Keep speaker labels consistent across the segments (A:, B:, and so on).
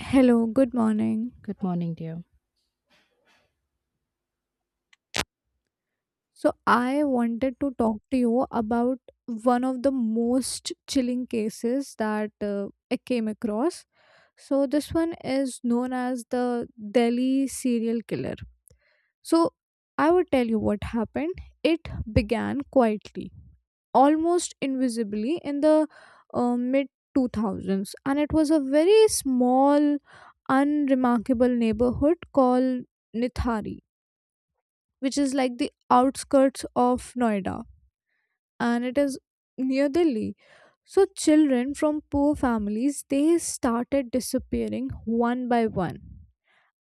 A: Hello, good morning.
B: Good morning, dear.
A: So, I wanted to talk to you about one of the most chilling cases that I came across. So, this one is known as the Delhi serial killer. So, I would tell you what happened. It began quietly, almost invisibly, in the mid 2000s, and it was a very small, unremarkable neighborhood called Nithari, which is like the outskirts of Noida and it is near Delhi. So children from poor families, they started disappearing one by one.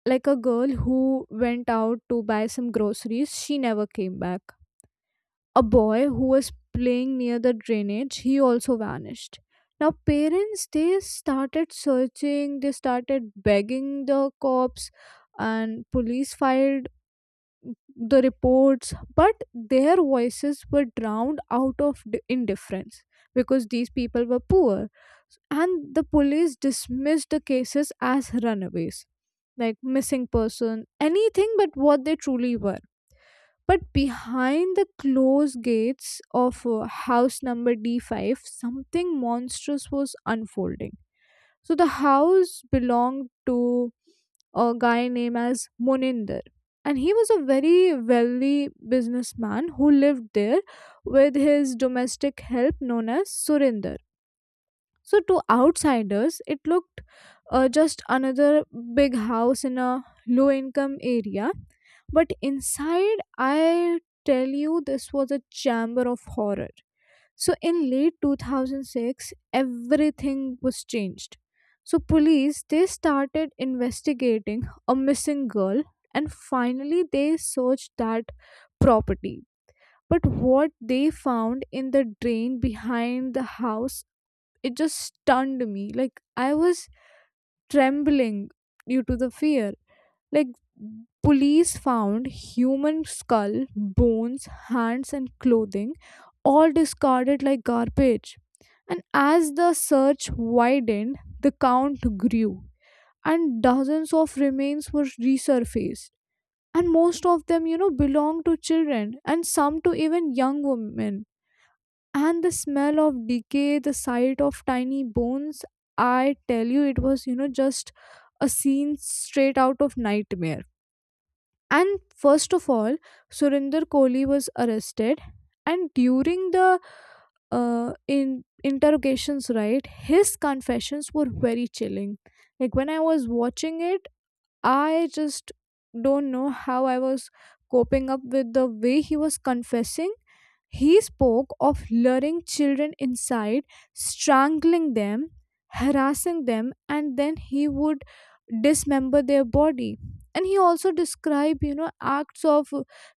A: Like, a girl who went out to buy some groceries, she never came back. A boy who was playing near the drainage, he also vanished. Now parents, they started searching, they started begging the cops, and police filed the reports, but their voices were drowned out of indifference because these people were poor, and the police dismissed the cases as runaways, like missing person, anything but what they truly were. But behind the closed gates of house number d5, something monstrous was unfolding. So the house belonged to a guy named as Moninder. And he was a very wealthy businessman who lived there with his domestic help known as Surinder. So, to outsiders, it looked just another big house in a low income area. But inside, I tell you, this was a chamber of horror. So in late 2006, everything was changed. So police, they started investigating a missing girl, and finally they searched that property. But what they found in the drain behind the house, it just stunned me. Like, I was trembling due to the fear. Like, police found human skull, bones, hands and clothing all discarded like garbage. And as the search widened, the count grew and dozens of remains were resurfaced. And most of them, belong to children and some to even young women. And the smell of decay, the sight of tiny bones, I tell you, it was, just a scene straight out of nightmare. And first of all, Surinder Kohli was arrested, and during the in interrogations, right, his confessions were very chilling. Like, when I was watching it, I just don't know how I was coping up with the way he was confessing. He spoke of luring children inside, strangling them, harassing them, and then he would dismember their body. And he also described, acts of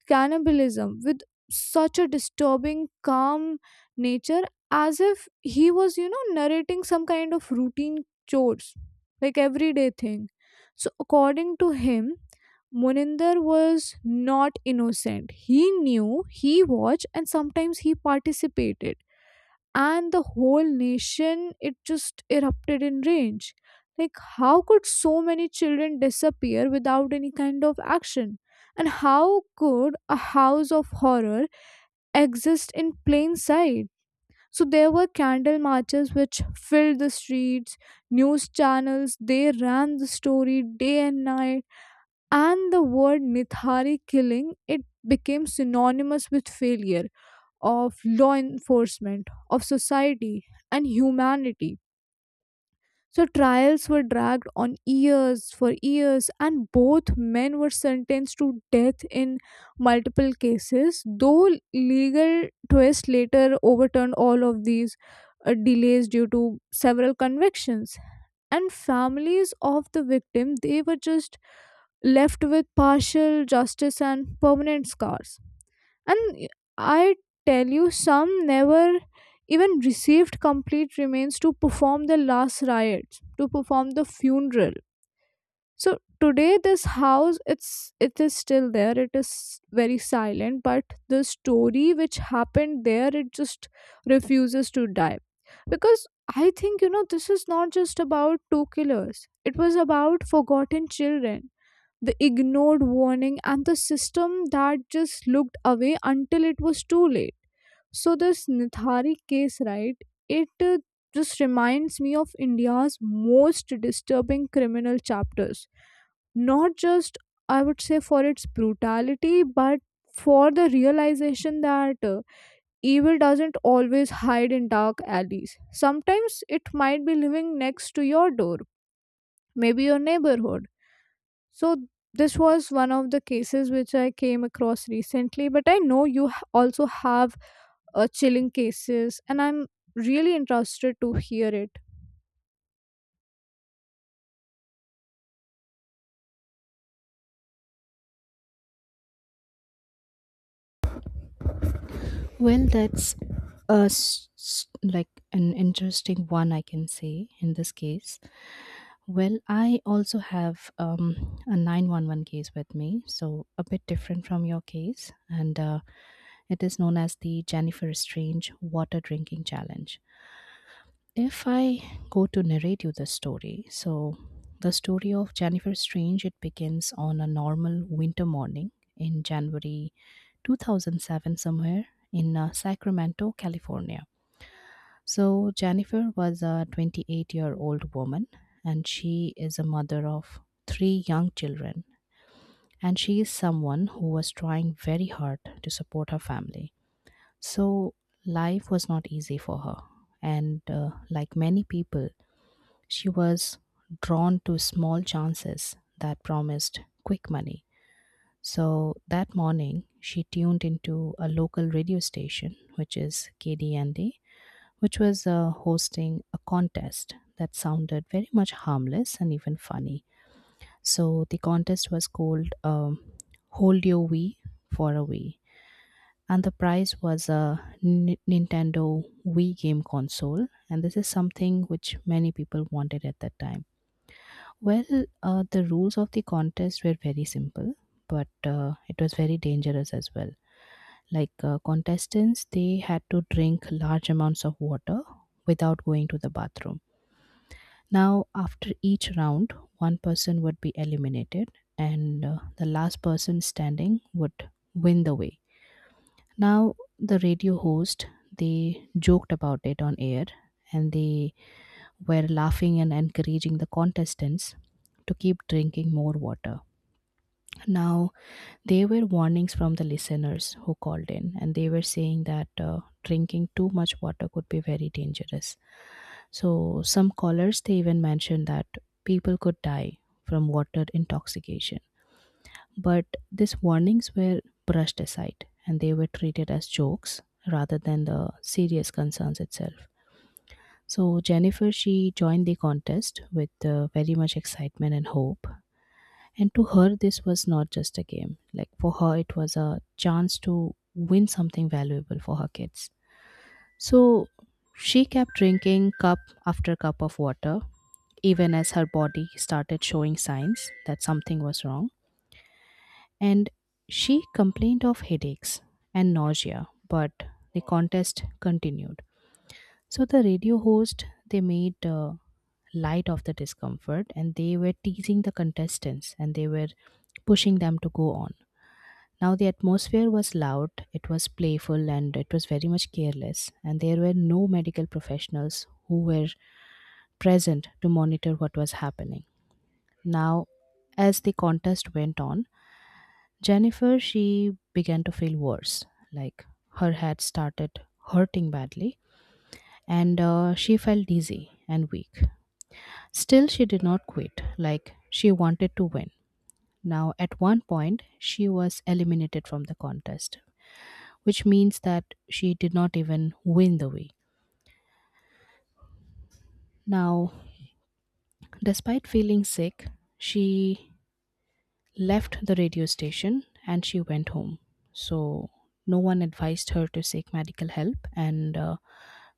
A: cannibalism with such a disturbing, calm nature, as if he was, narrating some kind of routine chores, like everyday thing. So, according to him, Moninder was not innocent. He knew, he watched, and sometimes he participated. And the whole nation, it just erupted in rage. Like, how could so many children disappear without any kind of action? And how could a house of horror exist in plain sight? So, there were candle marches which filled the streets, news channels, they ran the story day and night, and the word Nithari killing, it became synonymous with failure of law enforcement, of society and humanity. So trials were dragged on years for years, and both men were sentenced to death in multiple cases, though legal twists later overturned all of these delays due to several convictions. And families of the victim, they were just left with partial justice and permanent scars. And I tell you, some never even received complete remains to perform the last rites, to perform the funeral. So today, this house, it is still there. It is very silent, but the story which happened there, it just refuses to die, because I think, this is not just about two killers. It was about forgotten children, the ignored warning, and the system that just looked away until it was too late. So, this Nithari case, right, it just reminds me of India's most disturbing criminal chapters. Not just, I would say, for its brutality, but for the realization that evil doesn't always hide in dark alleys. Sometimes it might be living next to your door, maybe your neighborhood. So this was one of the cases which I came across recently, but I know you also have chilling cases, and I'm really interested to hear it.
B: Well, that's like an interesting one, I can say in this case. Well, I also have a 911 case with me, so a bit different from your case, and it is known as the Jennifer Strange Water Drinking Challenge. If I go to narrate you the story, so the story of Jennifer Strange, it begins on a normal winter morning in January 2007, somewhere in Sacramento, California. So Jennifer was a 28-year-old woman and she is a mother of three young children. And she is someone who was trying very hard to support her family. So life was not easy for her. And like many people, she was drawn to small chances that promised quick money. So that morning, she tuned into a local radio station, which is KDND, which was hosting a contest that sounded very much harmless and even funny. So the contest was called Hold Your Wii for a Wii. And the prize was a Nintendo Wii game console. And this is something which many people wanted at that time. Well, the rules of the contest were very simple, but it was very dangerous as well. Like contestants, they had to drink large amounts of water without going to the bathroom. Now, after each round, one person would be eliminated, and the last person standing would win the way. Now, the radio host they joked about it on air, and they were laughing and encouraging the contestants to keep drinking more water. Now, there were warnings from the listeners who called in, and they were saying that drinking too much water could be very dangerous. So some callers they even mentioned that people could die from water intoxication. But these warnings were brushed aside and they were treated as jokes rather than the serious concerns itself. So Jennifer she joined the contest with very much excitement and hope, and to her, this was not just a game. Like for her, it was a chance to win something valuable for her kids. So she kept drinking cup after cup of water, even as her body started showing signs that something was wrong. And she complained of headaches and nausea, but the contest continued. So the radio host, they made light of the discomfort and they were teasing the contestants and they were pushing them to go on. Now, the atmosphere was loud, it was playful, and it was very much careless, and there were no medical professionals who were present to monitor what was happening. Now, as the contest went on, Jennifer she began to feel worse, like her head started hurting badly, and she felt dizzy and weak. Still, she did not quit, like she wanted to win. Now, at one point, she was eliminated from the contest, which means that she did not even win the week. Now, despite feeling sick, she left the radio station and she went home. So no one advised her to seek medical help, and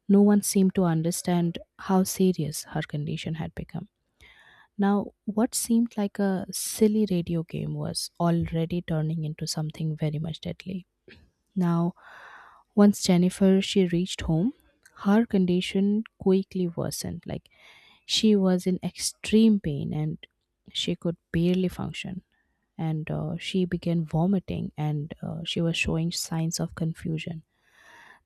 B: no one seemed to understand how serious her condition had become. Now, what seemed like a silly radio game was already turning into something very much deadly. Now, once Jennifer she reached home, her condition quickly worsened. Like she was in extreme pain and she could barely function. And she began vomiting and she was showing signs of confusion.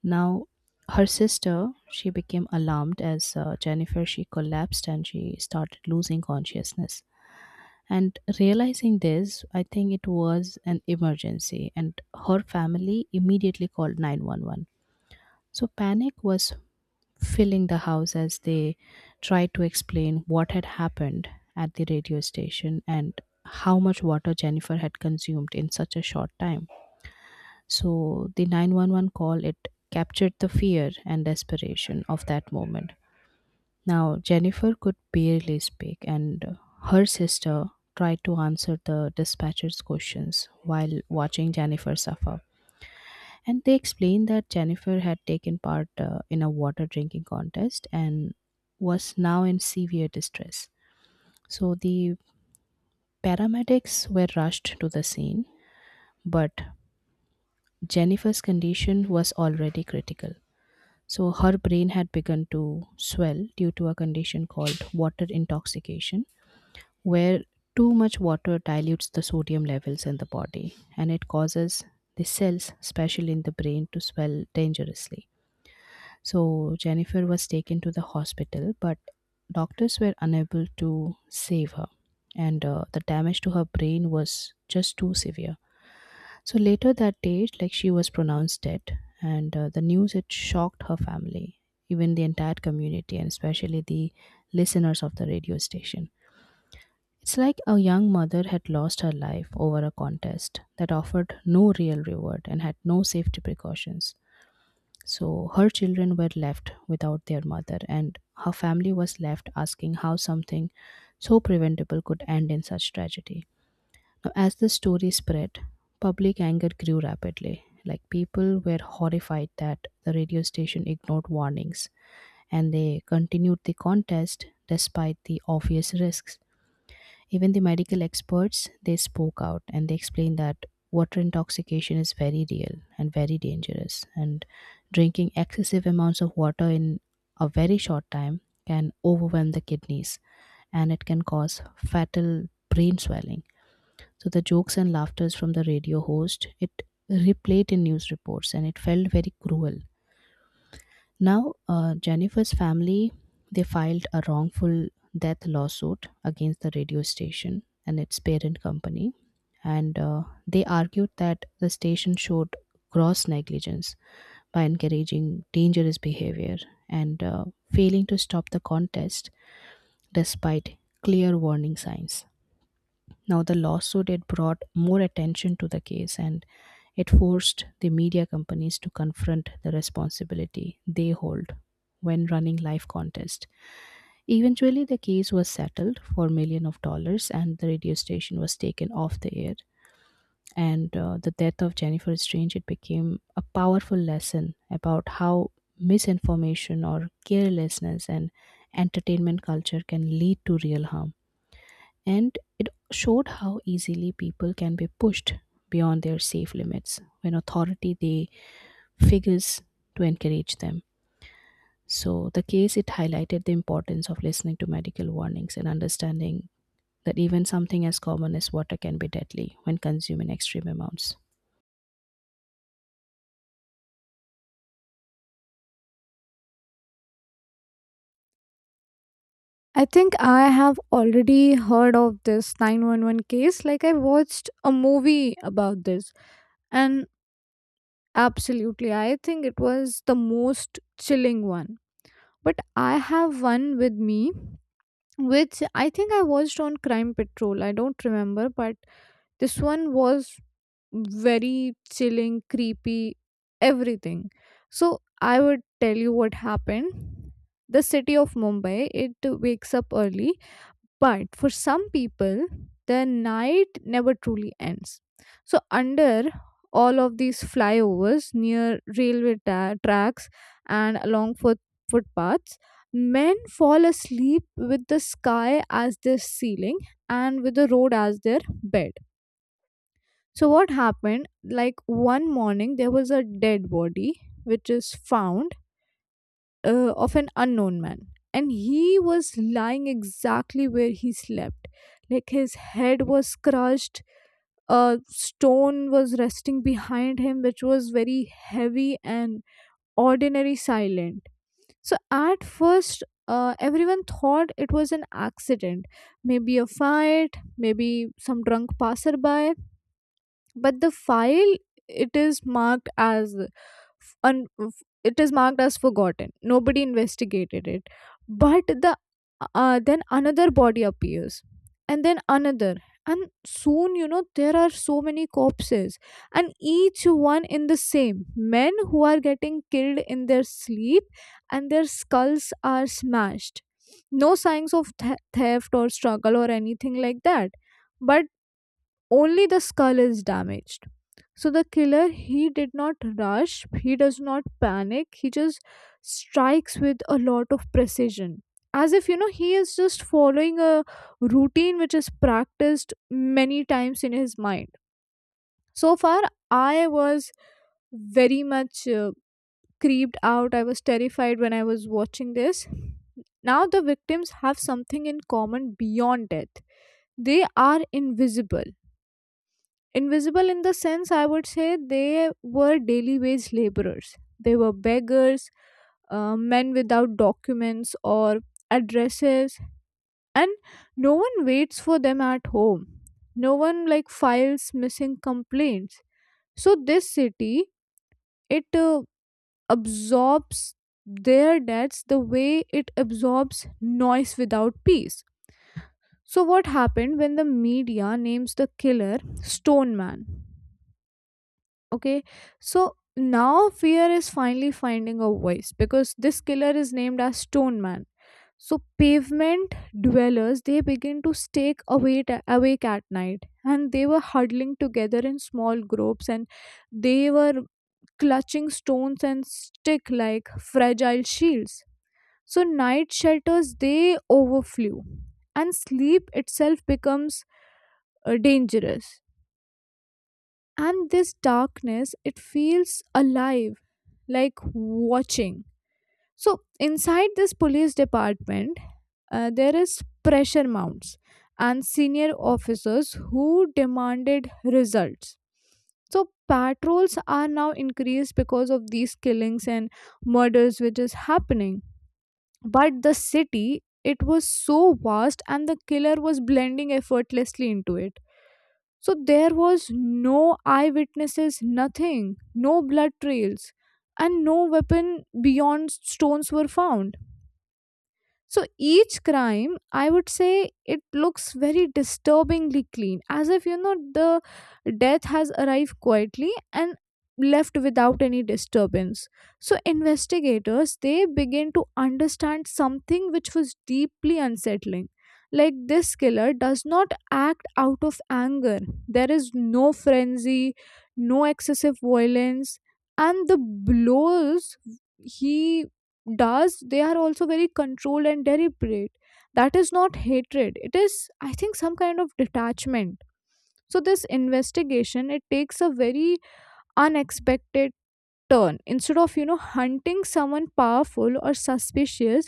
B: Now, her sister she became alarmed as Jennifer she collapsed and she started losing consciousness. And realizing this, I think it was an emergency, and her family immediately called 911. So panic was filling the house as they tried to explain what had happened at the radio station and how much water Jennifer had consumed in such a short time. So the 911 call it captured the fear and desperation of that moment. Now, Jennifer could barely speak, and her sister tried to answer the dispatcher's questions while watching Jennifer suffer. And they explained that Jennifer had taken part in a water drinking contest and was now in severe distress. So the paramedics were rushed to the scene, but Jennifer's condition was already critical. So her brain had begun to swell due to a condition called water intoxication where too much water dilutes the sodium levels in the body and it causes the cells, especially in the brain, to swell dangerously. So Jennifer was taken to the hospital, but doctors were unable to save her, and the damage to her brain was just too severe. So later that day, like, she was pronounced dead, and the news it shocked her family, even the entire community, and especially the listeners of the radio station. It's like a young mother had lost her life over a contest that offered no real reward and had no safety precautions. So her children were left without their mother, and her family was left asking how something so preventable could end in such tragedy. Now, as the story spread, public anger grew rapidly. Like people were horrified that the radio station ignored warnings and they continued the contest despite the obvious risks. Even the medical experts they spoke out and they explained that water intoxication is very real and very dangerous and drinking excessive amounts of water in a very short time can overwhelm the kidneys and it can cause fatal brain swelling. So the jokes and laughters from the radio host it replayed in news reports and it felt very cruel. Now, Jennifer's family they filed a wrongful death lawsuit against the radio station and its parent company, and they argued that the station showed gross negligence by encouraging dangerous behavior and failing to stop the contest despite clear warning signs. Now, the lawsuit it brought more attention to the case and it forced the media companies to confront the responsibility they hold when running live contest. Eventually, the case was settled for million of dollars and the radio station was taken off the air. And the death of Jennifer Strange it became a powerful lesson about how misinformation or carelessness and entertainment culture can lead to real harm and it showed how easily people can be pushed beyond their safe limits when authority they figures to encourage them. So the case it highlighted the importance of listening to medical warnings and understanding that even something as common as water can be deadly when consumed in extreme amounts.
A: I think I have already heard of this 911 case. Like, I watched a movie about this, and absolutely, I think it was the most chilling one. But I have one with me, which I think I watched on Crime Patrol. I don't remember, but this one was very chilling, creepy, everything. So I would tell you what happened. The city of Mumbai, it wakes up early, but for some people, the night never truly ends. So under all of these flyovers, near railway tracks and along footpaths, men fall asleep with the sky as their ceiling and with the road as their bed. So what happened? Like, one morning, there was a dead body which is found of an unknown man, and he was lying exactly where he slept. Like, his head was crushed, a stone was resting behind him, which was very heavy and ordinary silent. So at first, everyone thought it was an accident, maybe a fight, maybe some drunk passerby, but the file, it is marked as it is marked as forgotten. Nobody investigated it. But the then another body appears, and then another, and soon there are so many corpses, and each one in the same men who are getting killed in their sleep, and their skulls are smashed, no signs of theft or struggle or anything like that, but only the skull is damaged. So the killer, he did not rush, he does not panic, he just strikes with a lot of precision, as if he is just following a routine which is practiced many times in his mind. So far I was very much creeped out. I was terrified when I was watching this. Now the victims have something in common beyond death. They are invisible. Invisible in the sense, I would say they were daily wage laborers. They were beggars, men without documents or addresses, and no one waits for them at home. No one like files missing complaints. So this city, it absorbs their debts the way it absorbs noise without peace. So what happened when the media names the killer Stone Man? Okay. So now fear is finally finding a voice, because this killer is named as Stone Man. So pavement dwellers, they begin to awake at night, and they were huddling together in small groups, and they were clutching stones and stick like fragile shields. So night shelters, they overflew, and sleep itself becomes dangerous, and this darkness, it feels alive, like watching. So inside this police department, there is pressure mounts, and senior officers who demanded results. So patrols are now increased because of these killings and murders which is happening, but the city, it was so vast and the killer was blending effortlessly into it. So there was no eyewitnesses, nothing, no blood trails, and no weapon beyond stones were found. So each crime, I would say, it looks very disturbingly clean, as if the death has arrived quietly and left without any disturbance. So investigators, they begin to understand something which was deeply unsettling. Like, this killer does not act out of anger. There is no frenzy, no excessive violence, and the blows he does, they are also very controlled and deliberate. That is not hatred, it is, I think, some kind of detachment. So this investigation, it takes a very unexpected turn. Instead of hunting someone powerful or suspicious,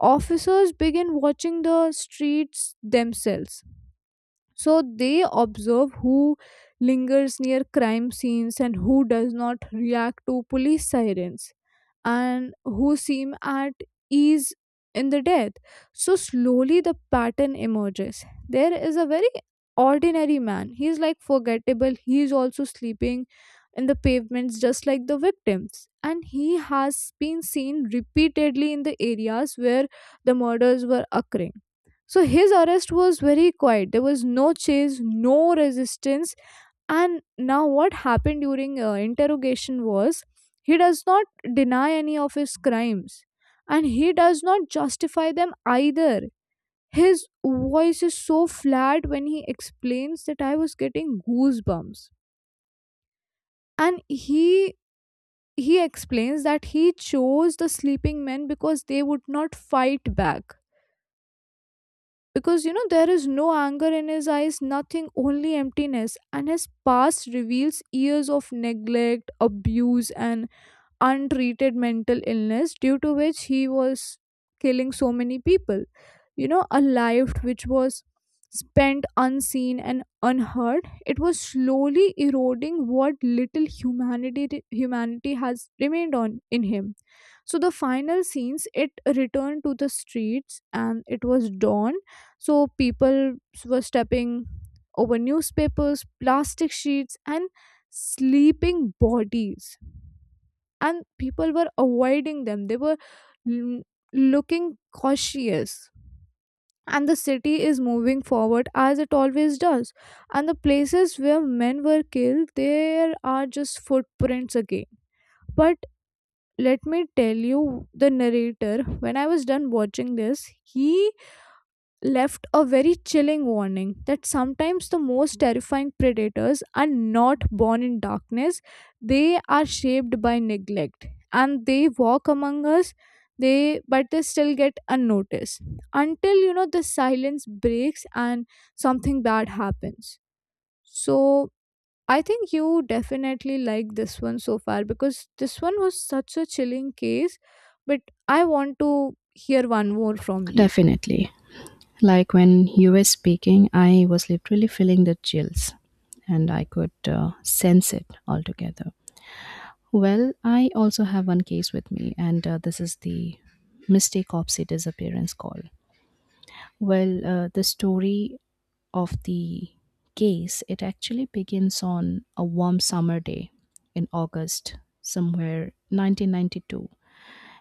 A: officers begin watching the streets themselves. So they observe who lingers near crime scenes and who does not react to police sirens and who seem at ease in the death. So slowly the pattern emerges. There is a very ordinary man. He is like forgettable. He is also sleeping in the pavements just like the victims. And he has been seen repeatedly in the areas where the murders were occurring. So his arrest was very quiet. There was no chase, no resistance. And now, what happened during interrogation was, he does not deny any of his crimes, and he does not justify them either. His voice is so flat when he explains, that I was getting goosebumps. And he explains that he chose the sleeping men because they would not fight back, because there is no anger in his eyes, nothing, only emptiness. And his past reveals years of neglect, abuse, and untreated mental illness, due to which he was killing so many people. A life which was spent unseen and unheard, it was slowly eroding what little humanity has remained on in him. So the final scenes, it returned to the streets, and it was dawn. So people were stepping over newspapers, plastic sheets and sleeping bodies, and people were avoiding them, they were l- looking cautious. And the city is moving forward as it always does, and the places where men were killed, there are just footprints again. But let me tell you, the narrator, when I was done watching this, he left a very chilling warning that sometimes the most terrifying predators are not born in darkness, they are shaped by neglect, and they walk among us. They, but they still get unnoticed until the silence breaks and something bad happens. So I think you definitely like this one so far, because this one was such a chilling case, but I want to hear one more from you.
B: Definitely, like, when you were speaking I was literally feeling the chills and I could sense it altogether. Well, I also have one case with me, and this is the mistake opposite disappearance call. Well, the story of the case it actually begins on a warm summer day in August, somewhere 1992,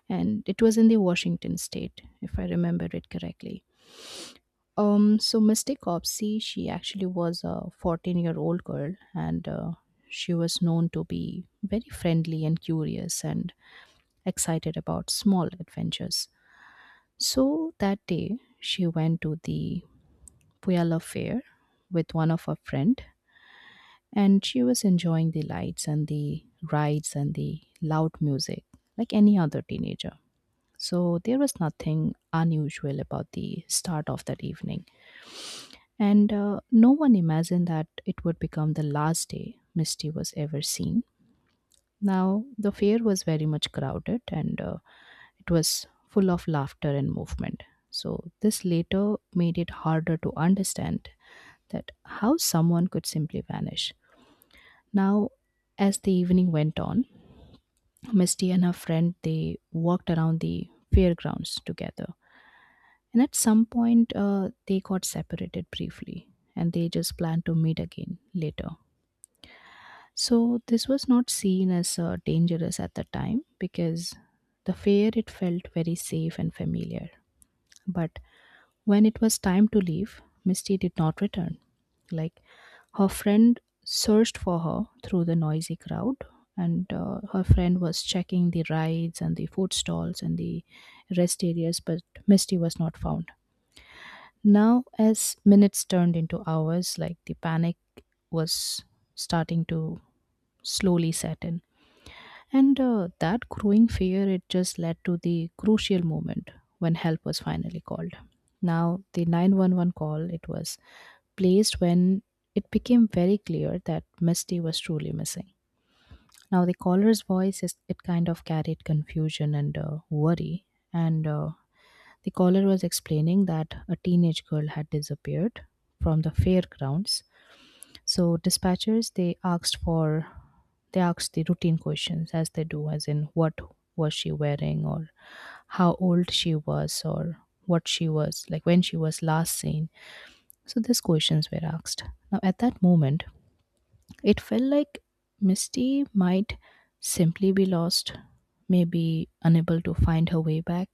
B: and it was in the Washington state, if I remember it correctly. So Mystic Opsy, she actually was a 14-year-old girl, and she was known to be very friendly and curious, and excited about small adventures. So that day, she went to the Puyallup Fair with one of her friends, and she was enjoying the lights and the rides and the loud music like any other teenager. So there was nothing unusual about the start of that evening, and no one imagined that it would become the last day Misty was ever seen. Now, the fair was very much crowded, and it was full of laughter and movement. So this later made it harder to understand that how someone could simply vanish. Now, as the evening went on, Misty and her friend they walked around the fairgrounds together, and at some point they got separated briefly, and they just planned to meet again later. So this was not seen as dangerous at the time because the fair it felt very safe and familiar. But when it was time to leave, Misty did not return. Like, her friend searched for her through the noisy crowd, and her friend was checking the rides and the food stalls and the rest areas, but Misty was not found. Now, as minutes turned into hours, like, the panic was starting to slowly set in. And that growing fear, it just led to the crucial moment when help was finally called. Now, the 911 call, it was placed when it became very clear that Misty was truly missing. Now, the caller's voice, is, it kind of carried confusion and worry. And the caller was explaining that a teenage girl had disappeared from the fairgrounds. So dispatchers they asked for the routine questions as they do, as in what was she wearing or how old she was or what she was like when she was last seen. So these questions were asked. Now at that moment, it felt like Misty might simply be lost, maybe unable to find her way back.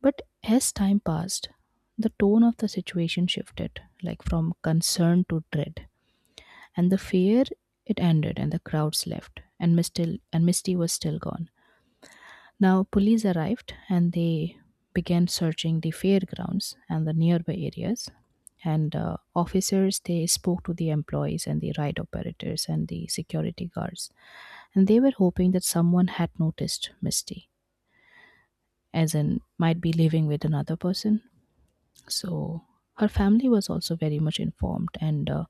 B: But as time passed, the tone of the situation shifted, like from concern to dread. And the fear, it ended, and the crowds left, and Misty was still gone. Now, police arrived and they began searching the fairgrounds and the nearby areas. And officers, they spoke to the employees and the ride operators and the security guards. And they were hoping that someone had noticed Misty, as in, might be living with another person. So, her family was also very much informed and uh,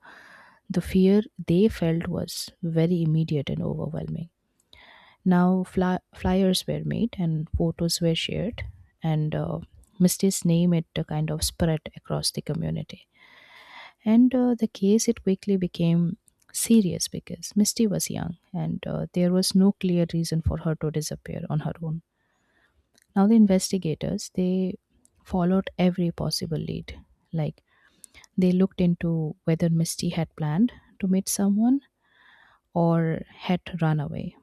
B: The fear they felt was very immediate and overwhelming. Now, flyers were made and photos were shared, and Misty's name, it kind of spread across the community. And the case, it quickly became serious because Misty was young and there was no clear reason for her to disappear on her own. Now, the investigators, they followed every possible lead, like they looked into whether Misty had planned to meet someone or had run away.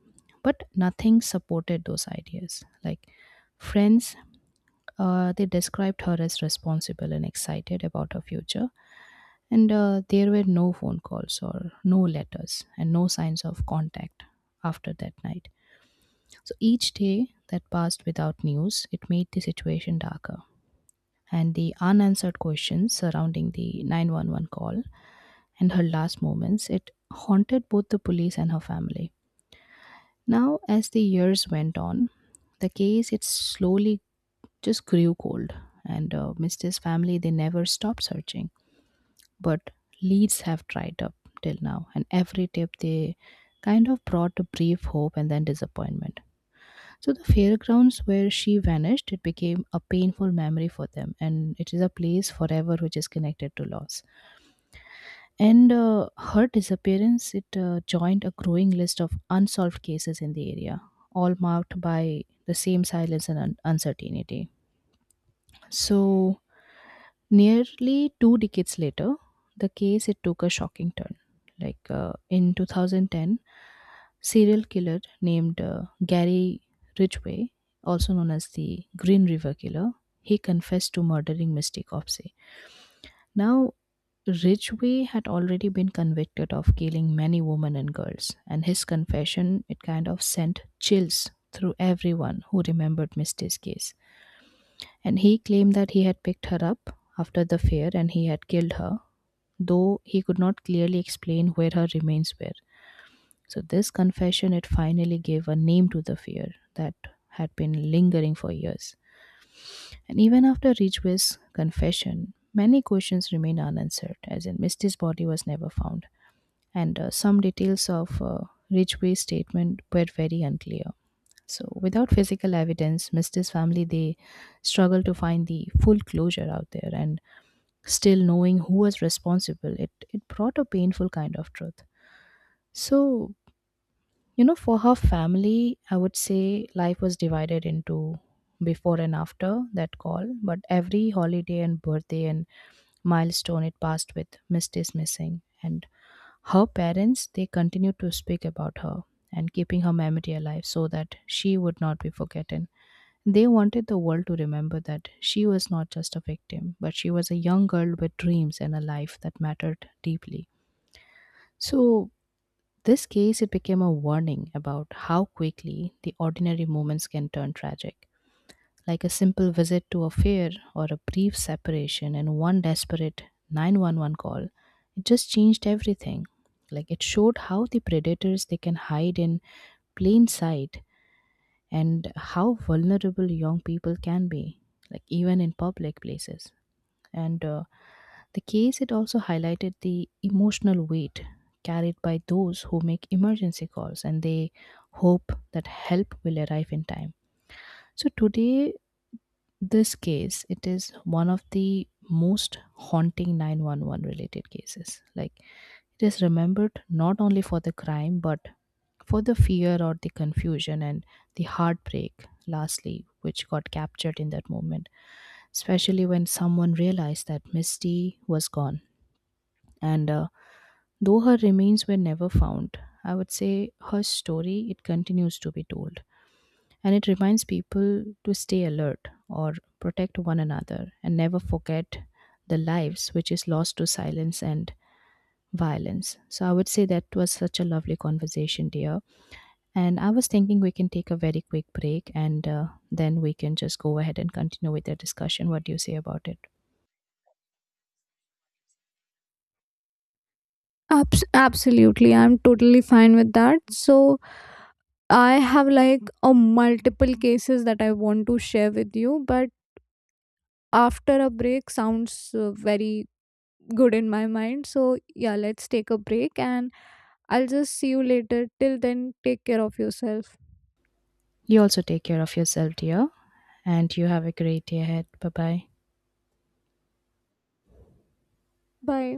B: But nothing supported those ideas. Like friends, they described her as responsible and excited about her future. And there were no phone calls or no letters and no signs of contact after that night. So each day that passed without news, it made the situation darker. And the unanswered questions surrounding the 911 call and her last moments, it haunted both the police and her family. Now, as the years went on, the case, it slowly just grew cold, and Mr.'s family they never stopped searching, but leads have dried up till now, and every tip they kind of brought a brief hope and then disappointment. So the fairgrounds where she vanished, it became a painful memory for them, and it is a place forever which is connected to loss. And her disappearance, it joined a growing list of unsolved cases in the area, all marked by the same silence and uncertainty. So, nearly two decades later, the case, it took a shocking turn. Like in 2010, serial killer named Gary Ridgway, also known as the Green River Killer, he confessed to murdering Mystic Opse. Now, Ridgway had already been convicted of killing many women and girls, and his confession, it kind of sent chills through everyone who remembered Misty's case. And he claimed that he had picked her up after the fair and he had killed her, though he could not clearly explain where her remains were. So this confession, it finally gave a name to the fear that had been lingering for years. And even after Ridgway's confession, many questions remained unanswered, as in Misty's body was never found, and some details of Ridgway's statement were very unclear. So, without physical evidence, Misty's family, they struggled to find the full closure out there, and still knowing who was responsible, it brought a painful kind of truth. So, you know, for her family, I would say life was divided into before and after that call, but every holiday and birthday and milestone, it passed with Misty's missing. And her parents, they continued to speak about her and keeping her memory alive so that she would not be forgotten. They wanted the world to remember that she was not just a victim, but she was a young girl with dreams and a life that mattered deeply. So, this case, it became a warning about how quickly the ordinary moments can turn tragic, like a simple visit to a fair or a brief separation and one desperate 911 call. It just changed everything. Like it showed how the predators, they can hide in plain sight and how vulnerable young people can be, like even in public places, and the case, it also highlighted the emotional weight carried by those who make emergency calls and they hope that help will arrive in time. So today this case, it is one of the most haunting 911 related cases. Like it is remembered not only for the crime but for the fear or the confusion and the heartbreak lastly which got captured in that moment, especially when someone realized that misty was gone, and though her remains were never found, I would say her story, it continues to be told and it reminds people to stay alert or protect one another and never forget the lives which is lost to silence and violence. So I would say that was such a lovely conversation, dear. And I was thinking we can take a very quick break and then we can just go ahead and continue with the discussion. What do you say about it?
A: Absolutely, I'm totally fine with that. So, I have like a multiple cases that I want to share with you, but after a break sounds very good in my mind. So, yeah, let's take a break and I'll just see you later. Till then, take care of yourself.
B: You also take care of yourself, dear, and you have a great day ahead. Bye bye.
A: Bye.